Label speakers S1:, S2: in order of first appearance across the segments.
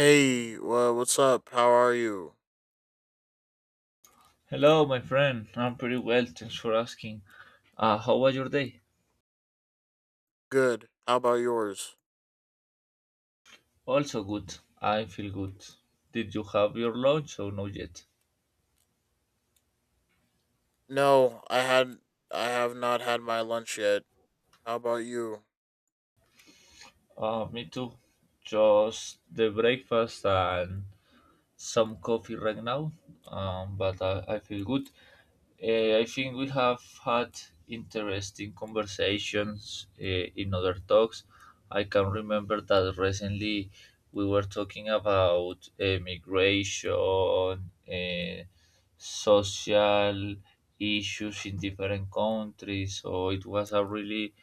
S1: Hey, what's up? How are you?
S2: Hello, my friend. I'm pretty well. Thanks for asking. How was your day?
S1: Good. How about yours?
S2: Also good. I feel good. Did you have your lunch or not yet?
S1: No, I have not had my lunch yet. How about you?
S2: Me too. Just the breakfast and some coffee right now. But I feel good. I think we have had interesting conversations in other talks. I can remember that recently we were talking about migration, uh, social issues in different countries. So it was a really,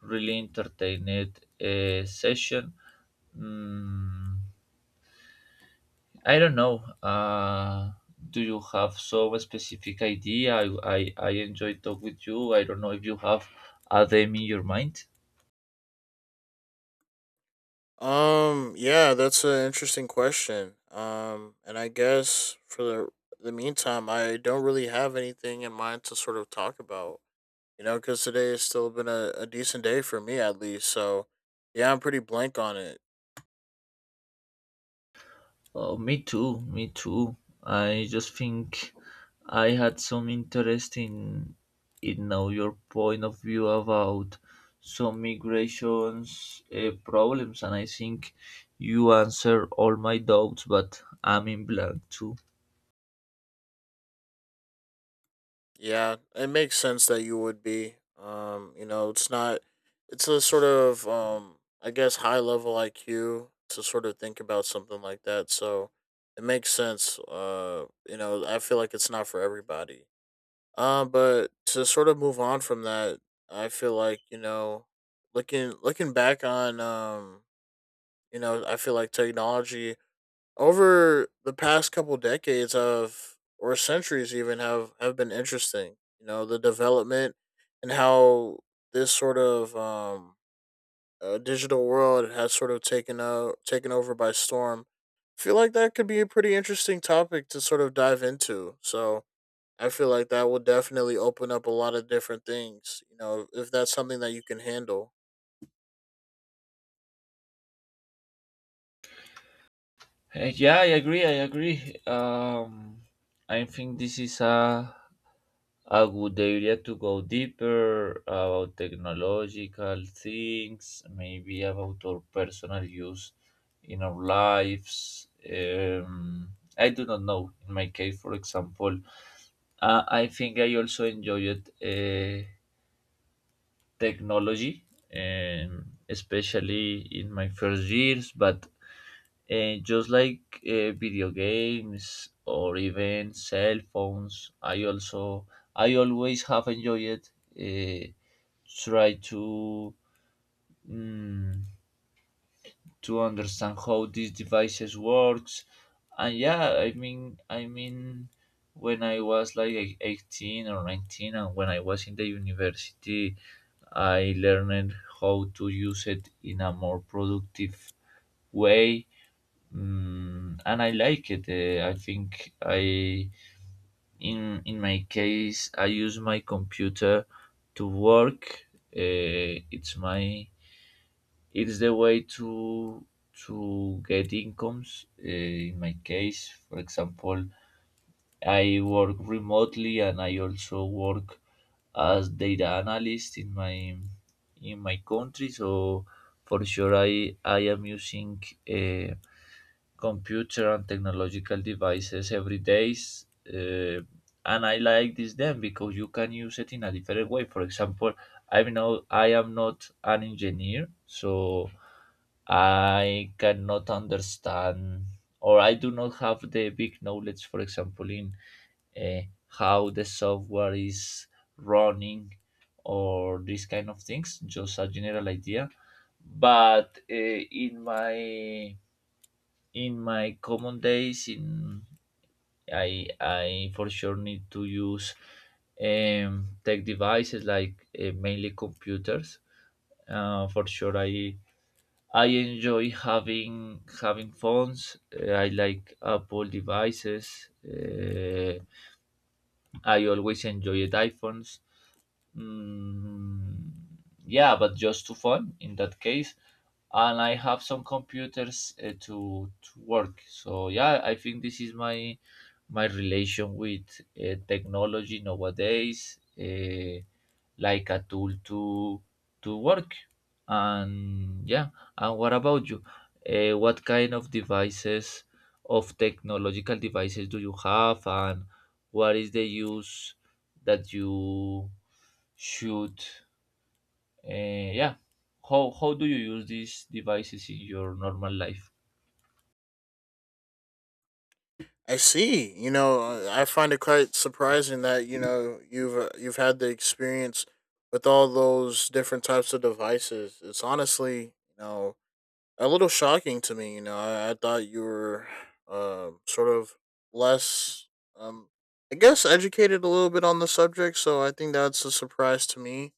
S2: really entertaining session. Mm, I don't know. Do you have some specific idea? I enjoy talk with you. I don't know if you have a them in your mind.
S1: Yeah, that's an interesting question. And I guess for the meantime, I don't really have anything in mind to sort of talk about. You know, because today has still been a decent day for me at least. So, yeah, I'm pretty blank on it.
S2: Oh, me too. Me too. I just think I had some interest in know your point of view about some migrations problems, and I think you answer all my doubts. But I'm in blank too.
S1: Yeah, it makes sense that you would be. You know, it's not it's a sort of I guess high level IQ to sort of think about something like that. So it makes sense. You know, I feel like it's not for everybody. But to sort of move on from that, I feel like, you know, looking back on you know, I feel like technology over the past couple decades of or centuries even have been interesting, you know, the development, and how this sort of digital world has sort of taken over by storm. I feel like that could be a pretty interesting topic to sort of dive into. So I feel like that will definitely open up a lot of different things, you know, if that's something that you can handle.
S2: Yeah, I agree. I agree. I think this is a good area to go deeper about technological things, maybe about our personal use in our lives. I do not know. In my case, for example, I think I also enjoyed technology, especially in my first years, but and just like video games or even cell phones, I always have enjoyed uh, try to mm, to understand how these devices works. And yeah, I mean when I was like 18 or 19 and when I was in the university, I learned how to use it in a more productive way. And I like it. I think I in my case I use my computer to work. Eh, it's my it's the way to get incomes. In my case, for example, I work remotely and I also work as data analyst in my country. So for sure, I am using eh, computer and technological devices every days, and I like this then because you can use it in a different way. For example, I know I am not an engineer, so I cannot understand, or I do not have the big knowledge, for example, in uh, how the software is running, or these kind of things, just a general idea. But in my common days in I for sure need to use tech devices like mainly computers. For sure I enjoy having phones. I like Apple devices. I always enjoyed iPhones. Mm, yeah, but just to fun in that case. And I have some computers to work. So yeah, I think this is my my relation with technology nowadays, like a tool to work. And yeah, and what about you? What kind of devices, of technological devices, do you have, and what is the use that you should, yeah, how do you use these devices in your normal life?
S1: I see. You know, I find it quite surprising that, you know, you've had the experience with all those different types of devices. It's honestly, you know, a little shocking to me. You know, I thought you were sort of less, um, I guess, educated a little bit on the subject. So I think that's a surprise to me.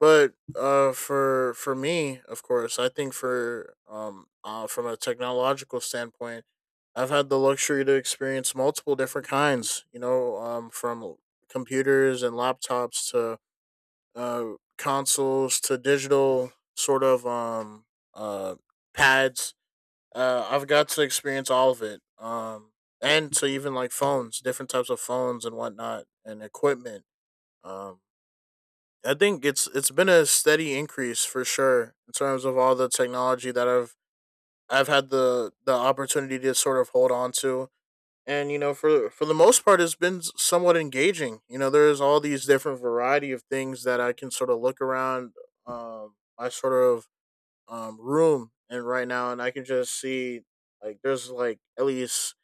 S1: But for me, of course, I think for from a technological standpoint, I've had the luxury to experience multiple different kinds. You know, from computers and laptops to consoles to digital sort of uh pads. I've got to experience all of it. And to even like phones, different types of phones and whatnot, and equipment. Um, I think it's been a steady increase for sure in terms of all the technology that I've had the opportunity to sort of hold on to. And, you know, for the most part, it's been somewhat engaging. You know, there's all these different variety of things that I can sort of look around, my sort of room and right now, and I can just see like there's like at least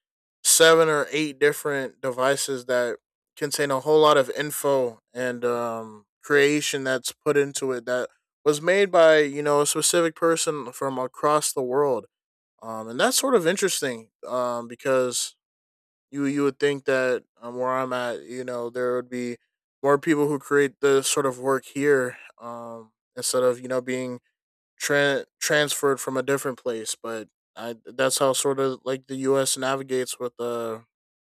S1: seven or eight different devices that contain a whole lot of info and creation that's put into it that was made by, you know, a specific person from across the world, and that's sort of interesting because you would think that where I'm at, you know, there would be more people who create this sort of work here instead of, you know, being transferred from a different place. But I that's how sort of like the U.S. navigates with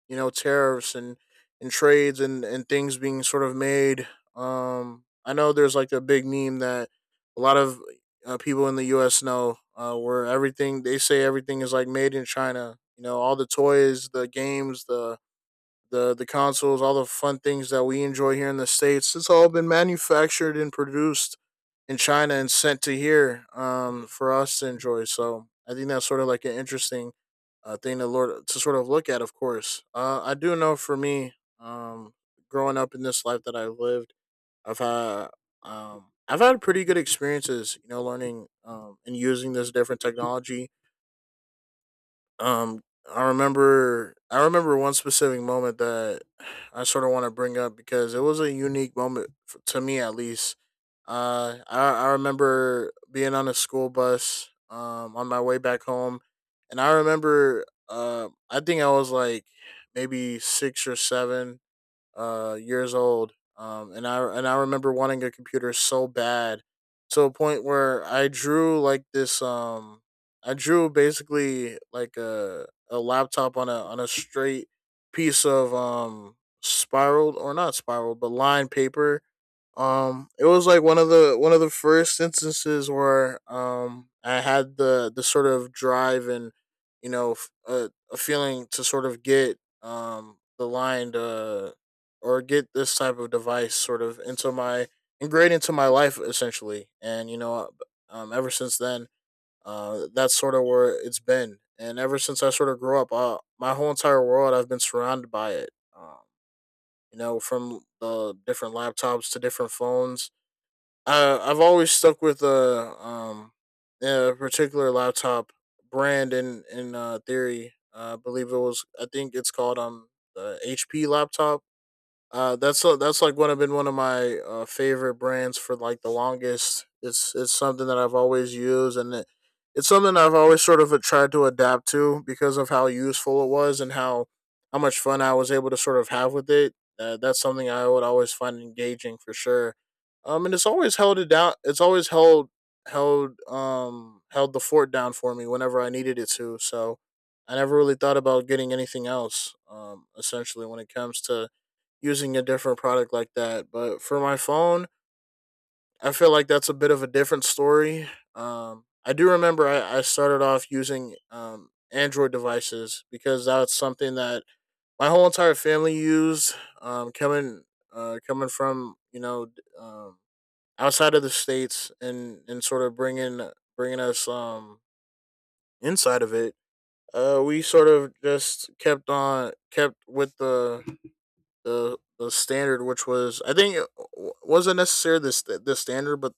S1: you know, tariffs and trades and things being sort of made. I know there's like a big meme that a lot of people in the U.S. know, where everything, they say everything is like made in China. You know, all the toys, the games, the the consoles, all the fun things that we enjoy here in the states. It's all been manufactured and produced in China and sent to here, for us to enjoy. So I think that's sort of like an interesting thing to Lord to sort of look at. Of course, I do know for me, um, growing up in this life that I've lived, I've had I've had pretty good experiences, you know, learning, and using this different technology. um, I remember one specific moment that I sort of want to bring up because it was a unique moment to me at least. I remember being on a school bus on my way back home, and I remember, I think I was like maybe six or seven years old. And I remember wanting a computer so bad to a point where I drew like this. I drew basically like a laptop on a straight piece of spiraled, or not spiraled but lined paper. It was like one of the first instances where I had the sort of drive and, you know, a feeling to sort of get the line to or get this type of device sort of into my ingrained into my life essentially. And, you know, ever since then, that's sort of where it's been. And ever since I sort of grew up, my whole entire world I've been surrounded by it. You know, from the different laptops to different phones, I've always stuck with a particular laptop brand in theory. I believe it was. I think it's called the HP laptop. That's a, that's like one of been one of my favorite brands for like the longest. It's something that I've always used, and it's something I've always sort of tried to adapt to because of how useful it was and how much fun I was able to sort of have with it. That's something I would always find engaging for sure. And it's always held it down. It's always held the fort down for me whenever I needed it to. So I never really thought about getting anything else. Essentially, when it comes to using a different product like that. But for my phone, I feel like that's a bit of a different story. I do remember, I started off using Android devices because that's something that my whole entire family used. Um, coming Coming from, you know, um, outside of the states and sort of bringing us inside of it. We sort of just kept with the standard, which was, I think it wasn't necessarily this the standard, but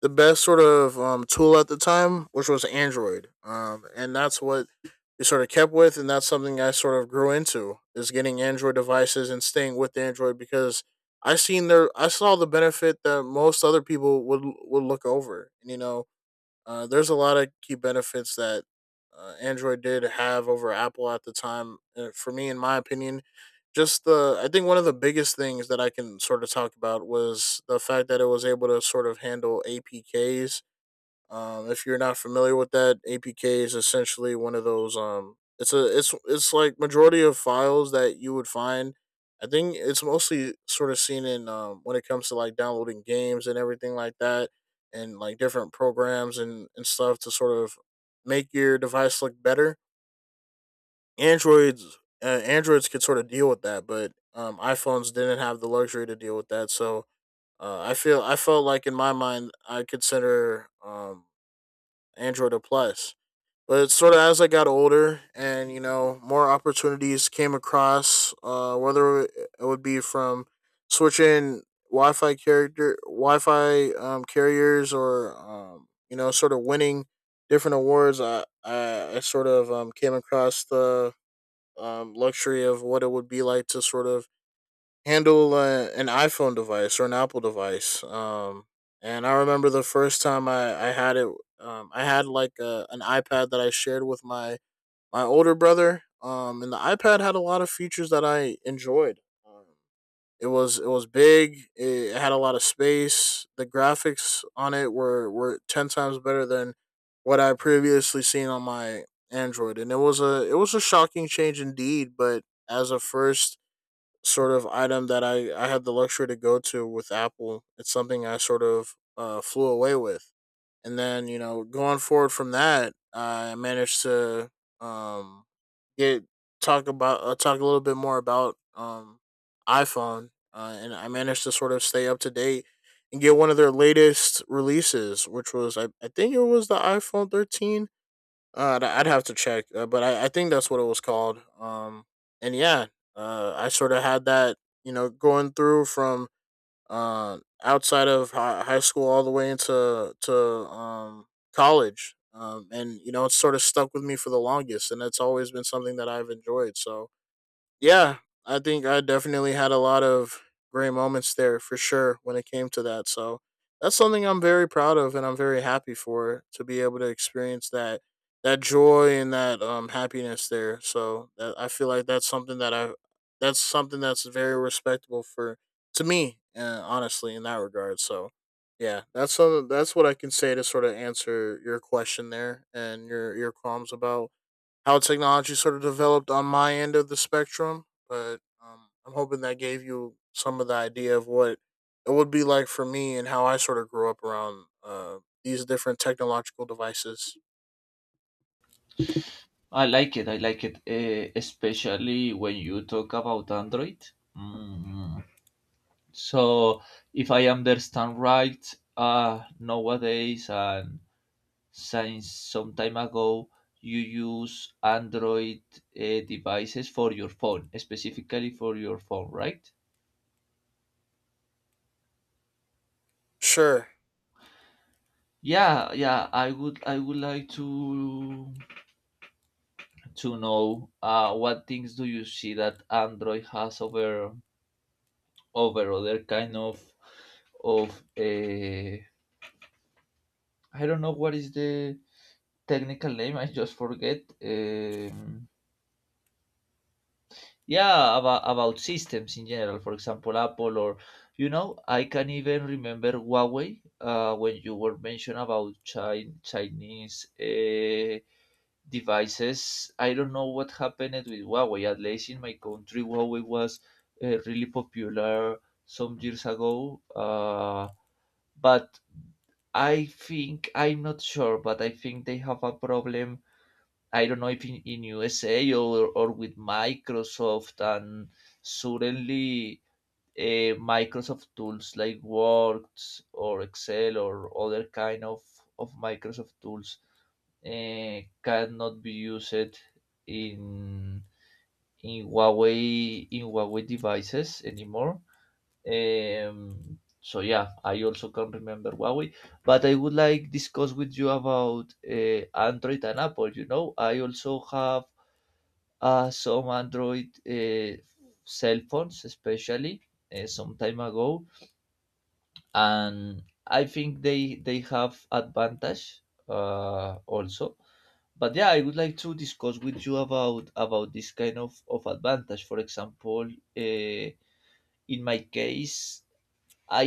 S1: the best sort of tool at the time, which was Android. And that's what we sort of kept with, and that's something I sort of grew into, is getting Android devices and staying with Android, because I saw the benefit that most other people would look over. And, you know, there's a lot of key benefits that, Android did have over Apple at the time. For me, in my opinion, just the I think one of the biggest things that I can sort of talk about was the fact that it was able to sort of handle APKs. If you're not familiar with that, APK is essentially one of those. It's a it's like majority of files that you would find. I think it's mostly sort of seen in, when it comes to like downloading games and everything like that, and like different programs and stuff to sort of make your device look better. Androids Androids could sort of deal with that, but iPhones didn't have the luxury to deal with that. So, I felt like in my mind I consider, Android a plus. But sort of as I got older and, you know, more opportunities came across, whether it would be from switching Wi Fi carriers, or, you know, sort of winning different awards, I sort of came across the luxury of what it would be like to sort of handle, an iPhone device or an Apple device. And I remember the first time I had it, I had like an iPad that I shared with my older brother. And the iPad had a lot of features that I enjoyed. Um, it was it was big. It had a lot of space. The graphics on it were 10 times better than what I previously seen on my Android, and it was a shocking change indeed. But as a first sort of item that I had the luxury to go to with Apple. It's something I sort of flew away with. And then, you know, going forward from that, I managed to um, get talk about talk a little bit more about, iPhone. And I managed to sort of stay up to date and get one of their latest releases, which was, I think it was the iPhone 13. I'd have to check, but I think that's what it was called. And yeah, I sort of had that, going through from uh outside of high school all the way into to um college. It's sort of stuck with me for the longest, and it's always been something that I've enjoyed. So yeah, I think I definitely had a lot of great moments there for sure when it came to that. So that's something I'm very proud of and I'm very happy for to be able to experience that joy and that happiness there. So that I feel like that's something that I that's something that's very respectable for to me honestly in that regard. So yeah, that's what I can say to sort of answer your question there and your qualms about how technology sort of developed on my end of the spectrum, but I'm hoping that gave you some of the idea of what it would be like for me and how I sort of grew up around these different technological devices.
S2: I like it. I like it, especially when you talk about Android. Mm. So, if I understand right, nowadays and since some time ago, you use Android devices for your phone, specifically for your phone, right?
S1: Sure.
S2: Yeah, yeah. I would like to know what things do you see that Android has over other kind of I don't know what is the technical name. I just forget. Yeah, about systems in general. For example, Apple, or you know, I can even remember Huawei when you were mentioned about Chinese devices. I don't know what happened with Huawei. At least in my country, Huawei was really popular some years ago. But I think I'm not sure, but I think they have a problem. I don't know if in, in USA or with Microsoft, and suddenly Microsoft tools like Word or Excel or other kind of Microsoft tools cannot be used in in Huawei devices anymore. So yeah, I also can remember Huawei, but I would like discuss with you about Android and Apple. You know, I also have some Android cell phones, especially some time ago, and I think they have advantage also. But yeah, I would like to discuss with you about this kind of advantage. For example, uh, in my case, I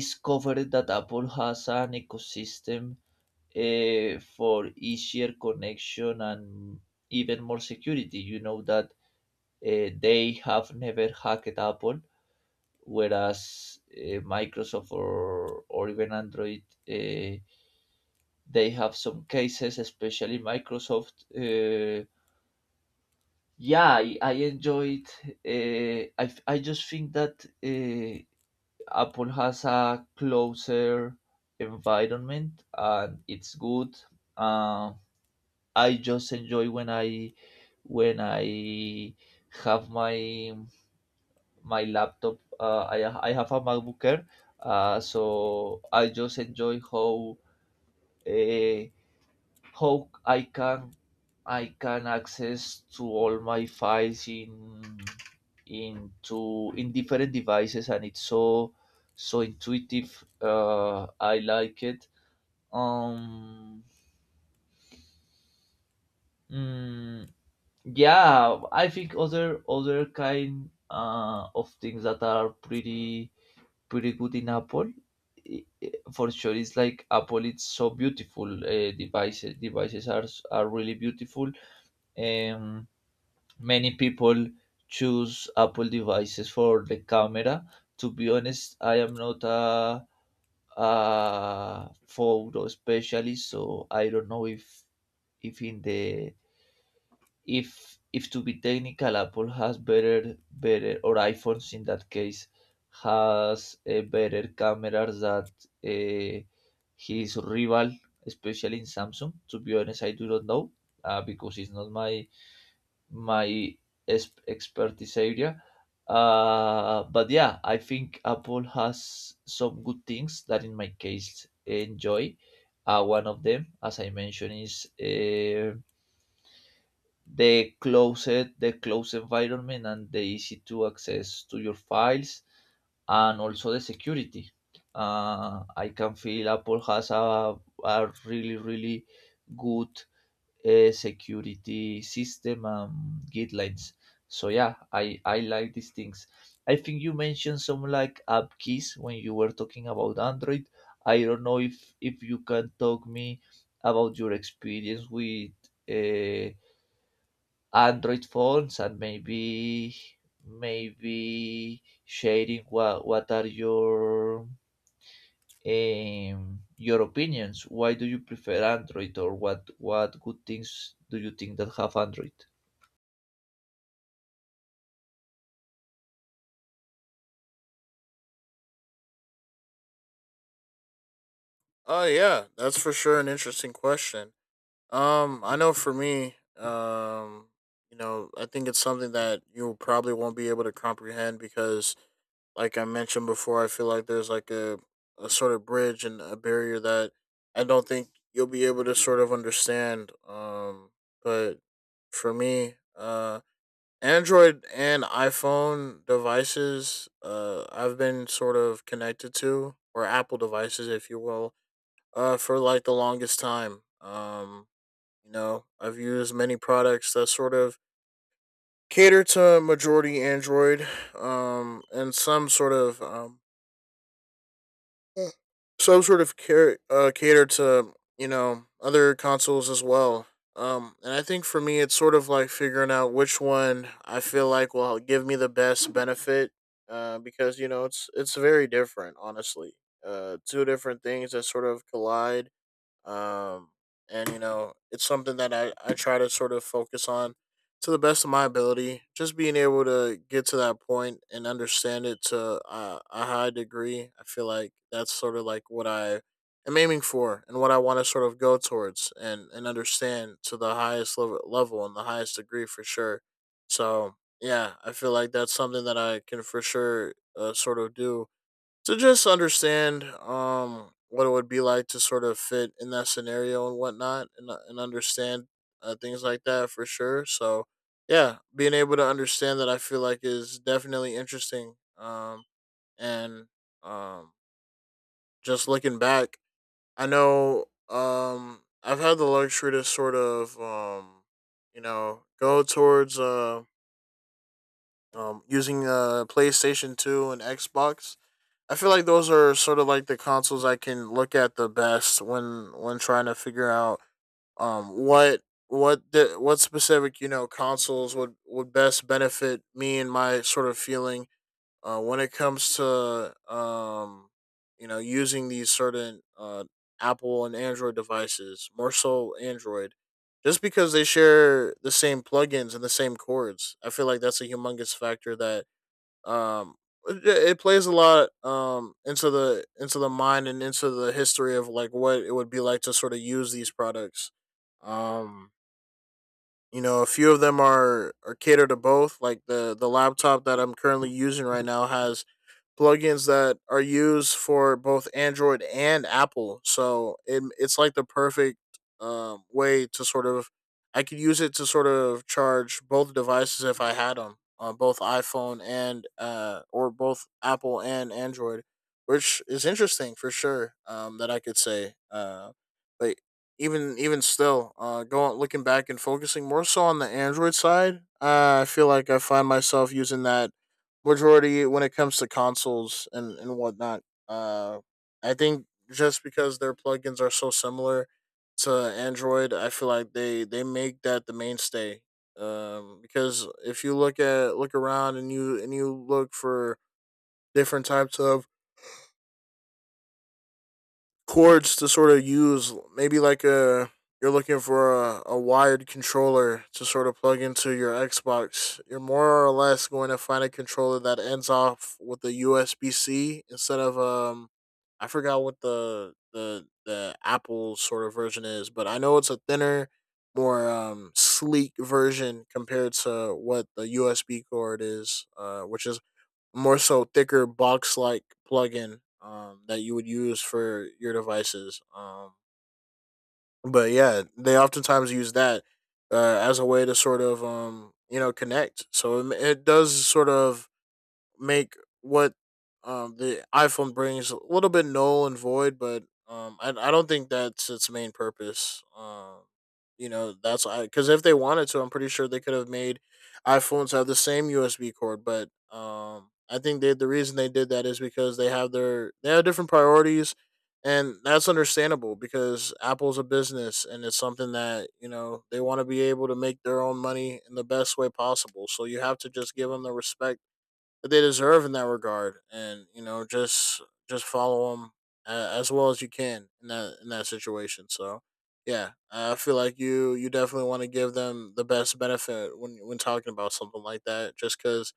S2: discovered that Apple has an ecosystem for easier connection and even more security. You know that they have never hacked Apple, whereas Microsoft, or even Android, uh, they have some cases, especially Microsoft. Yeah, I enjoyed. I just think that Apple has a closer environment and it's good. Uh, I just enjoy when I when I have my laptop. I have a MacBook Air, so I just enjoy how uh, how I can access to all my files in into in different devices, and it's so intuitive. I like it. Um, mm, yeah, I think other kind of things that are pretty good in Apple. i- for sure, it's like Apple, it's so beautiful devices. Devices are are really beautiful. um Many people choose Apple devices for the camera. To be honest, I am not a, a photo specialist, so I don't know if in the if to be technical, Apple has better, or iPhones in that case has a better cameras that uh, his rival, especially in Samsung. To be honest, I do not know because it's not my my expertise area. But yeah, I think Apple has some good things that, in my case, enjoy. One of them, as I mentioned, is. The closed, the close environment and the easy to access to your files, and also the security. I can feel Apple has a really really good security system and guidelines. So yeah, I like these things. I think you mentioned some like app keys when you were talking about Android. I don't know if you can talk me about your experience with uh, Android phones, and maybe sharing what are your opinions. Why do you prefer Android, or what good things do you think that have Android?
S1: Oh yeah, that's for sure an interesting question. I know for me, I think it's something that you probably won't be able to comprehend because like I mentioned before, I feel like there's like a sort of bridge and a barrier that I don't think you'll be able to sort of understand. But for me, Android and iPhone devices, I've been sort of connected to, or Apple devices, if you will, for like the longest time. I've used many products that sort of cater to majority Android, and some sort of mm, so sort of catered to, you know, other consoles as well. And I think for me, it's sort of like figuring out which one I feel like will give me the best benefit. Because you know it's very different, honestly. Two different things that sort of collide, um, and you know it's something that I try to sort of focus on to the best of my ability, just being able to get to that point and understand it to a high degree. I feel like that's sort of like what I am aiming for and what I want to sort of go towards and understand to the highest level and the highest degree for sure. So yeah, I feel like that's something that I can for sure sort of do, so just understand what it would be like to sort of fit in that scenario and whatnot and understand things like that for sure. So yeah, being able to understand that I feel like is definitely interesting. And um just looking back, I know I've had the luxury to sort of go towards using PlayStation 2 and Xbox. I feel like those are sort of like the consoles I can look at the best when trying to figure out what what specific, you know, consoles would best benefit me and my sort of feeling when it comes to using these certain Apple and Android devices, more so Android, just because they share the same plugins and the same cords. I feel like that's a humongous factor that um, it, it plays a lot into the mind and into the history of like what it would be like to sort of use these products. Um, a few of them are catered to both. Like the laptop that I'm currently using right now has plugins that are used for both Android and Apple. So it's like the perfect way to sort of, I could use it to sort of charge both devices if I had them on both iPhone and or both Apple and Android, which is interesting for sure. That I could say. But even still, going looking back and focusing more so on the Android side, I feel like I find myself using that majority when it comes to consoles and whatnot. Uh, I think just because their plugins are so similar to Android, I feel like they make that the mainstay. Because if you look at look around and you look for different types of cords to sort of use. Maybe like a you're looking for a wired controller to sort of plug into your Xbox. You're more or less going to find a controller that ends off with a USB C instead of I forgot what the Apple sort of version is, but I know it's a thinner, more sleek version compared to what the USB cord is, which is more so thicker, box like plugin that you would use for your devices. But yeah, they oftentimes use that as a way to sort of connect. So it does sort of make what the iPhone brings a little bit null and void, but I don't think that's its main purpose. You know, that's I Because if they wanted to, I'm pretty sure they could have made iPhones have the same USB cord. But I think the reason they did that is because they have different priorities, and that's understandable because Apple's a business and it's something that you know they want to be able to make their own money in the best way possible. So you have to just give them the respect that they deserve in that regard, and you know just follow them as well as you can in that situation. So yeah, I feel like you definitely want to give them the best benefit when talking about something like that, just because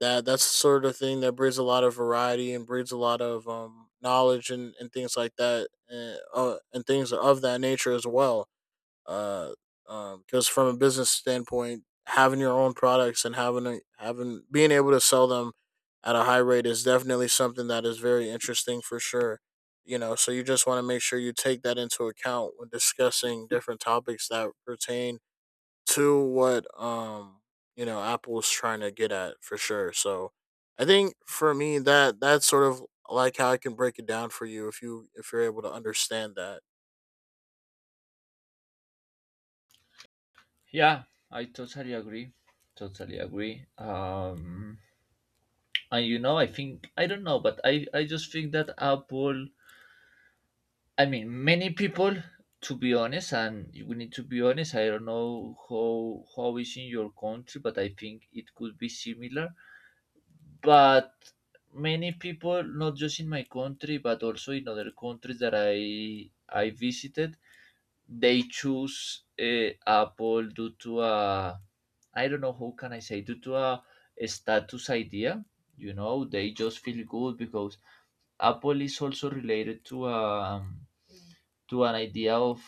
S1: that's the sort of thing that breeds a lot of variety and breeds a lot of knowledge and things like that and things of that nature as well. uh because from a business standpoint, having your own products and having being able to sell them at a high rate is definitely something that is very interesting for sure. You know, so you just want to make sure you take that into account when discussing different topics that pertain to what Apple's trying to get at for sure. So I think for me, that's sort of like how I can break it down for you, if you, if you're able to understand that.
S2: Yeah, I totally agree. Totally agree. And you know, I think I don't know, but I just think that Apple, I mean, many people, to be honest, and we need to be honest. I don't know how is in your country, but I think it could be similar. But many people, not just in my country, but also in other countries that I visited, they choose Apple due to a I don't know how can I say, due to a status idea. You know, they just feel good because Apple is also related to an idea of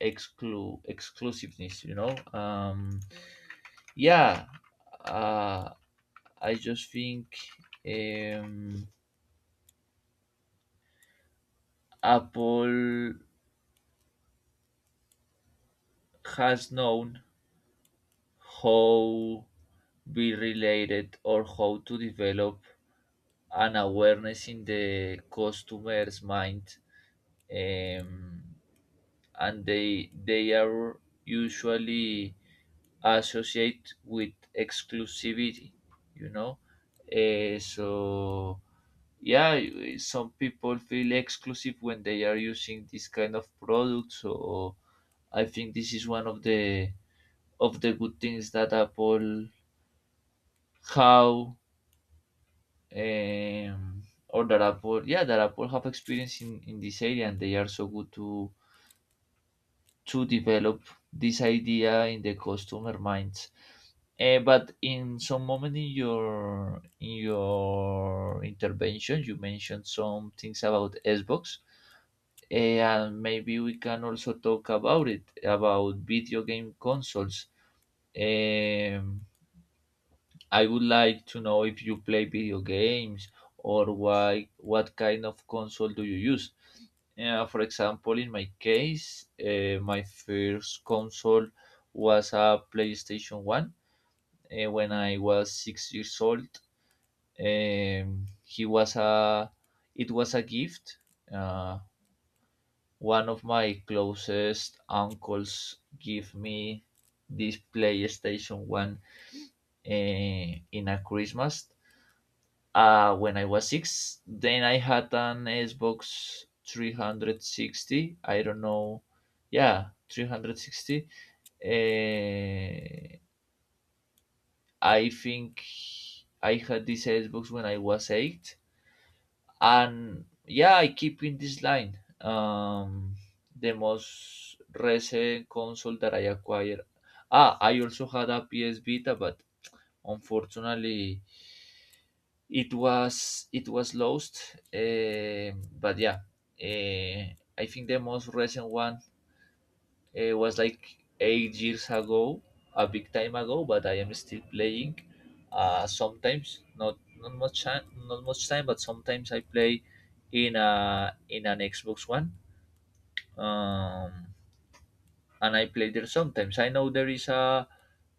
S2: exclusiveness, you know. Yeah uh I just think um Apple has known how be related, or how to develop an awareness in the customer's mind, um, and they are usually associate with exclusivity, you know. So yeah, some people feel exclusive when they are using this kind of product. So I think this is one of the good things that Apple how um or that Apple, yeah, that Apple have experience in this area, and they are so good to develop this idea in the customer minds. But in some moment in your intervention, you mentioned some things about Xbox. And maybe we can also talk about it, about video game consoles. um, I would like to know if you play video games, or why, what kind of console do you use. For example, in my case, my first console was a PlayStation 1, when I was 6 years old. He was a It was a gift. uh, One of my closest uncles gave me this PlayStation 1 in a Christmas, when I was six. Then I had an Xbox 360. I don't know. Yeah, 360. Eh, I think I had this Xbox when I was eight. And yeah, I keep in this line. The most recent console that I acquired, ah, I also had a PS Vita, but unfortunately it was lost. But yeah, uh, I think the most recent one, it was like 8 years ago, a big time ago, but I am still playing. Sometimes, not much time, not much time, but sometimes I play in a in an Xbox One. Um, and I play there sometimes. I know there is a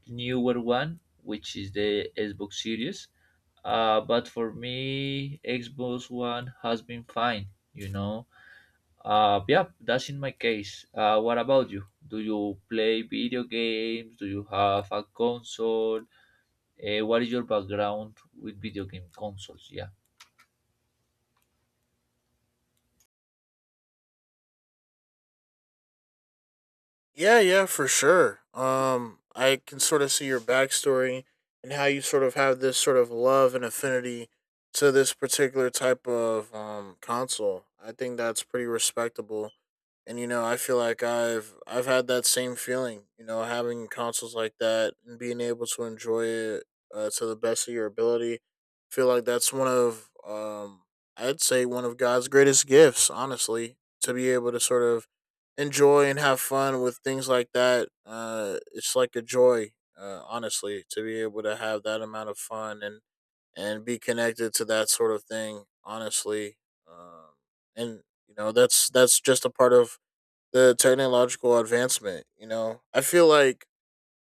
S2: newer one, which is the Xbox Series. But for me, Xbox One has been fine. You know, yeah, that's in my case. What about you? Do you play video games? Do you have a console? What is your background with video game consoles? Yeah.
S1: Yeah, yeah, for sure. I can sort of see your backstory and how you sort of have this sort of love and affinity to this particular type of console. I think that's pretty respectable. And you know, I feel like I've had that same feeling. You know, having consoles like that and being able to enjoy it to the best of your ability. Feel like that's one of I'd say one of God's greatest gifts, honestly, to be able to sort of enjoy and have fun with things like that. It's like a joy, honestly, to be able to have that amount of fun and be connected to that sort of thing. Honestly, um, and you know that's just a part of the technological advancement. You know, I feel like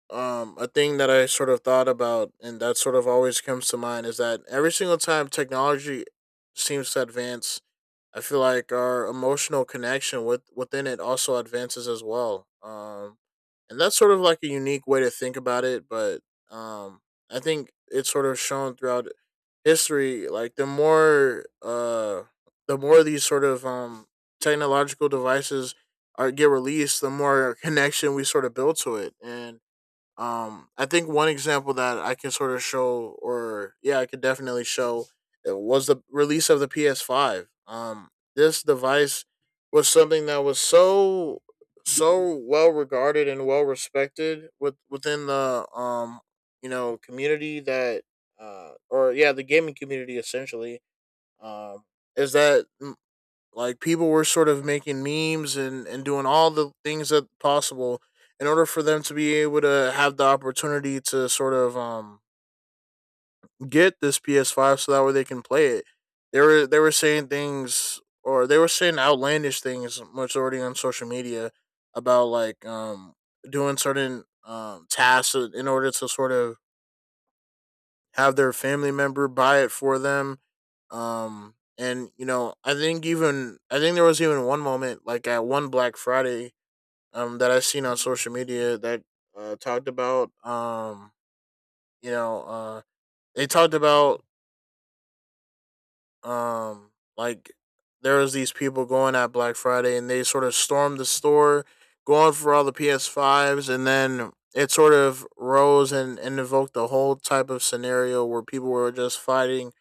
S1: a thing that I sort of thought about and that sort of always comes to mind is that every single time technology seems to advance, I feel like our emotional connection with within it also advances as well. And that's sort of like a unique way to think about it, but um, I think it's sort of shown throughout history. Like the more, these sort of technological devices are get released, the more connection we sort of build to it, and I think one example that I can sort of show, or yeah, I could definitely show, it was the release of the PS5. This device was something that was so so well regarded and well respected within the community that or yeah, the gaming community, essentially, um is that like people were sort of making memes and doing all the things that possible in order for them to be able to have the opportunity to sort of get this PS5 so that way they can play it. They were saying things, or they were saying outlandish things majority on social media about like doing certain tasks in order to sort of have their family member buy it for them. I think even I think there was even one moment like at one Black Friday, that I've seen on social media that talked about, you know, they talked about, um, like there was these people going at Black Friday, and they sort of stormed the store, going for all the PS fives, and then it sort of rose and evoked the whole type of scenario where people were just fighting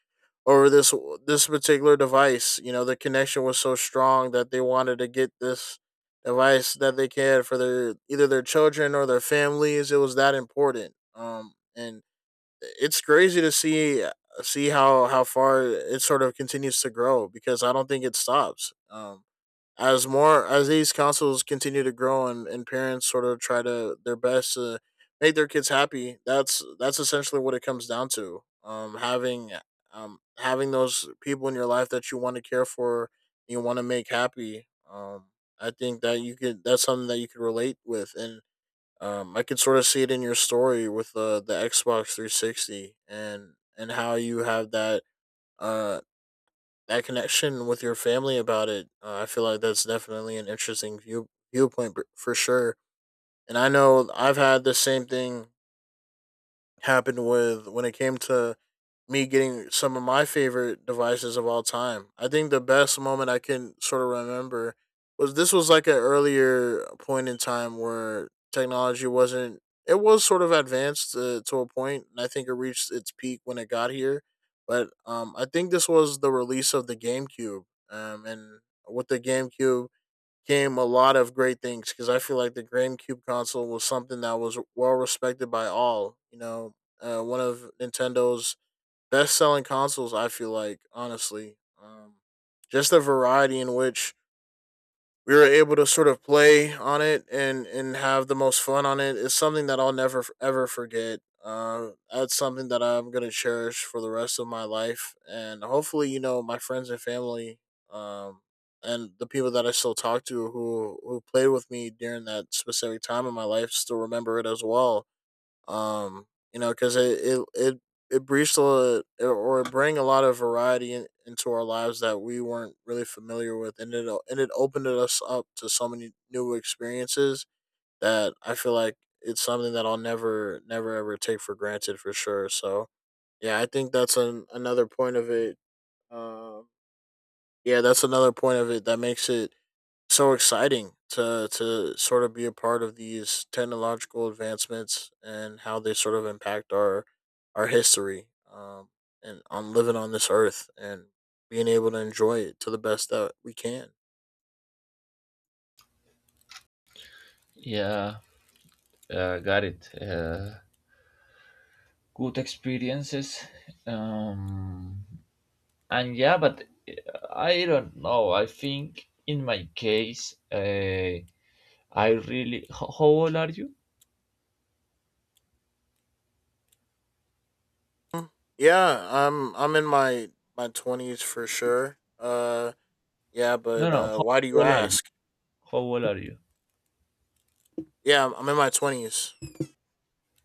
S1: over this particular device. You know, the connection was so strong that they wanted to get this device that they can for their either their children or their families. It was that important. And it's crazy to see how far it sort of continues to grow, because I don't think it stops. As more as these councils continue to grow, and parents sort of try to their best to make their kids happy, that's essentially what it comes down to, having having those people in your life that you want to care for, you want to make happy. I think that you could, that's something that you could relate with. And I could sort of see it in your story with the Xbox 360, and how you have that uh that connection with your family about it. I feel like that's definitely an interesting viewpoint for sure. And I know I've had the same thing happen with when it came to me getting some of my favorite devices of all time. I think the best moment I can sort of remember was, this was like an earlier point in time where technology wasn't, it was sort of advanced to a point, and I think it reached its peak when it got here. But I think this was the release of the GameCube. And with the GameCube came a lot of great things, because I feel like the GameCube console was something that was well respected by all, you know, one of Nintendo's best selling consoles. I feel like honestly, just the variety in which we were able to sort of play on it, and have the most fun on it is something that I'll never ever forget. That's something that I'm gonna cherish for the rest of my life, and hopefully, you know, my friends and family, um, and the people that I still talk to, who played with me during that specific time in my life, still remember it as well. Um you know because it breached a lot- or it bring a lot of variety into our lives that we weren't really familiar with, and it opened us up to so many new experiences that I feel like it's something that I'll never ever take for granted for sure. So yeah, I think that's another point of it. Um yeah that's another point of it that makes it so exciting to sort of be a part of these technological advancements and how they sort of impact our history, and on living on this earth and being able to enjoy it to the best that we can.
S2: Yeah, got it. Good experiences. Um, and yeah, but I don't know. I think in my case, I really. How old are you?
S1: Mm, yeah, I'm in my twenties for sure. Yeah,
S2: No,
S1: but
S2: no. How
S1: why do you
S2: old are you?
S1: ask?
S2: How old are you?
S1: Yeah, I'm in my twenties.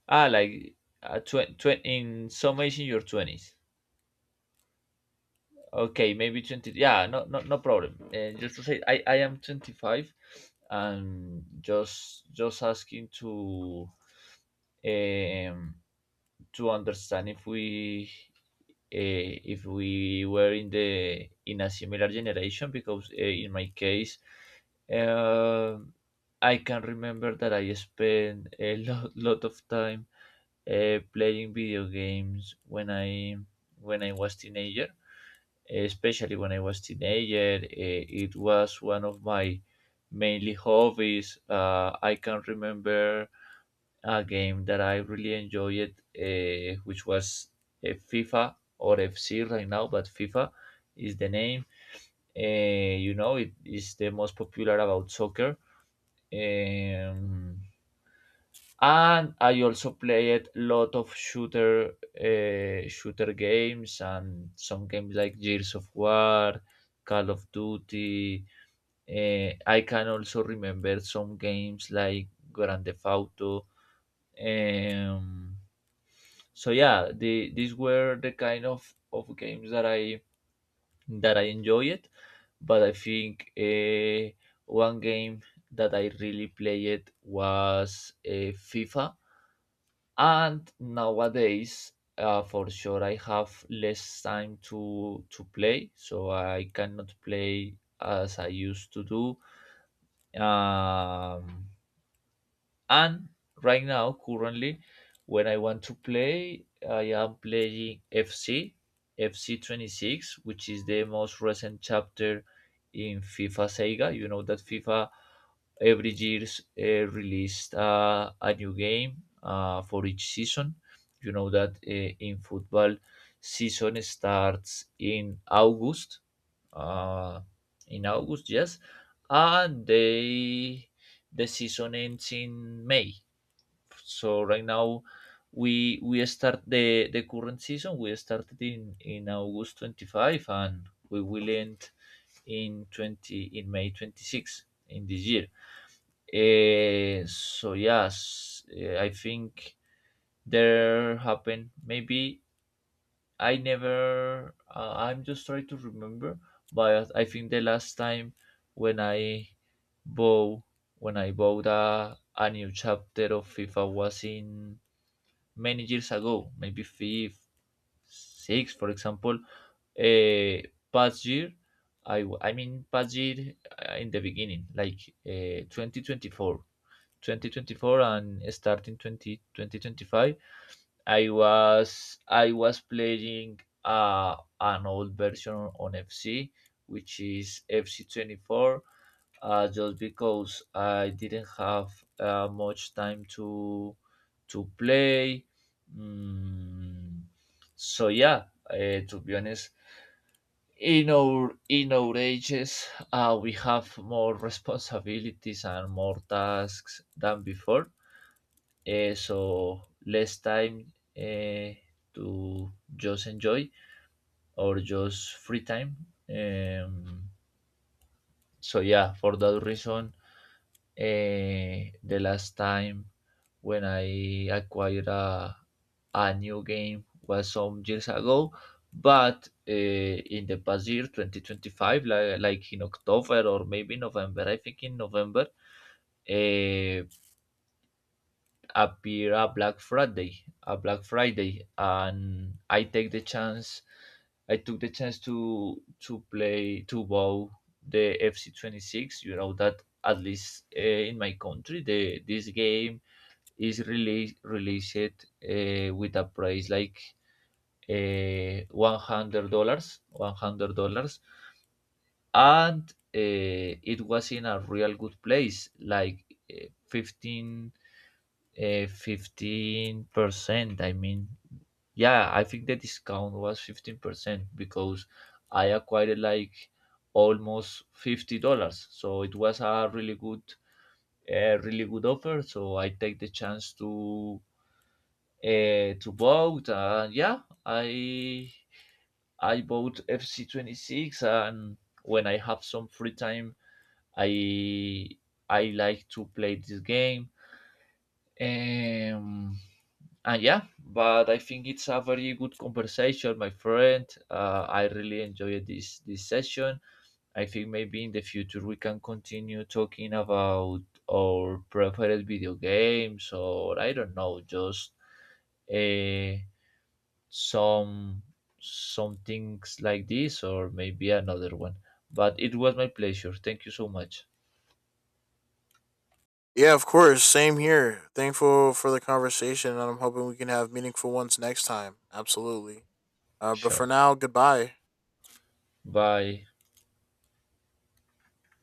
S2: Ah, like in some age in your 20s. Okay, maybe 20. Yeah, no, no, no problem. And just to say, I am 25 and just asking um, to understand if we were in the in a similar generation because in my case um I can remember that I spent a lot of time playing video games when I was teenager. Especially when I was teenager, it was one of my mainly hobbies. I can remember a game that I really enjoyed, which was FIFA or FC right now, but FIFA is the name. It is the most popular about soccer. Um, and I also played lot of shooter games and some games like Gears of War, Call of Duty. I can also remember some games like Grand Theft Auto. Um, so yeah, these were the kind of games that I enjoyed. But I think one game that I really played was FIFA and nowadays, for sure, I have less time to play, so I cannot play as I used to do. Um, and right now, currently, when I want to play, I am playing FC 26, which is the most recent chapter in FIFA Sega. You know that FIFA every year's released a new game for each season. You know that in football, season starts in August uh, in August, yes, and the season ends in May. So right now we start the current season. We started in August 25, and we will end in May 26 in this year. So yes, I think there happen maybe I never. I'm just trying to remember, but I think the last time when I bought when I bought a new chapter of FIFA was in many years ago, maybe five, six, for example. Uh, Past year, I mean past year in the beginning, like 2024, 2024, and starting 2025. I was playing an old version on FC, which is FC 24. Just because I didn't have much time to play. Mm, so yeah, to be honest, in our ages, we have more responsibilities and more tasks than before so less time eh, to just enjoy or just free time. Um, so yeah, for that reason, the last time when I acquired a new game was some years ago, but in the past year, 2025, like in October or maybe November, I think in November, uh, appear a Black Friday, and I take the chance. I took the chance to play to bow the FC 26. You know that at least in my country, the this game is released with a price like $100, $100, and it was in a real good place, like fifteen 15%. I mean, yeah, I think the discount was 15% because I acquired like almost $50. So it was a really good offer. So I take the chance to vote. And yeah, I bought FC 26, and when I have some free time, I I like to play this game. Um, And yeah, but I think it's a very good conversation, my friend. I really enjoyed this session. I think maybe in the future we can continue talking about our preferred video games, or I don't know, just uh, some some things like this, or maybe another one. But it was my pleasure. Thank you so much.
S1: Yeah, of course. Same here. Thankful for the conversation, and I'm hoping we can have meaningful ones next time. Absolutely. But
S2: Sure.
S1: for now, goodbye.
S2: Bye.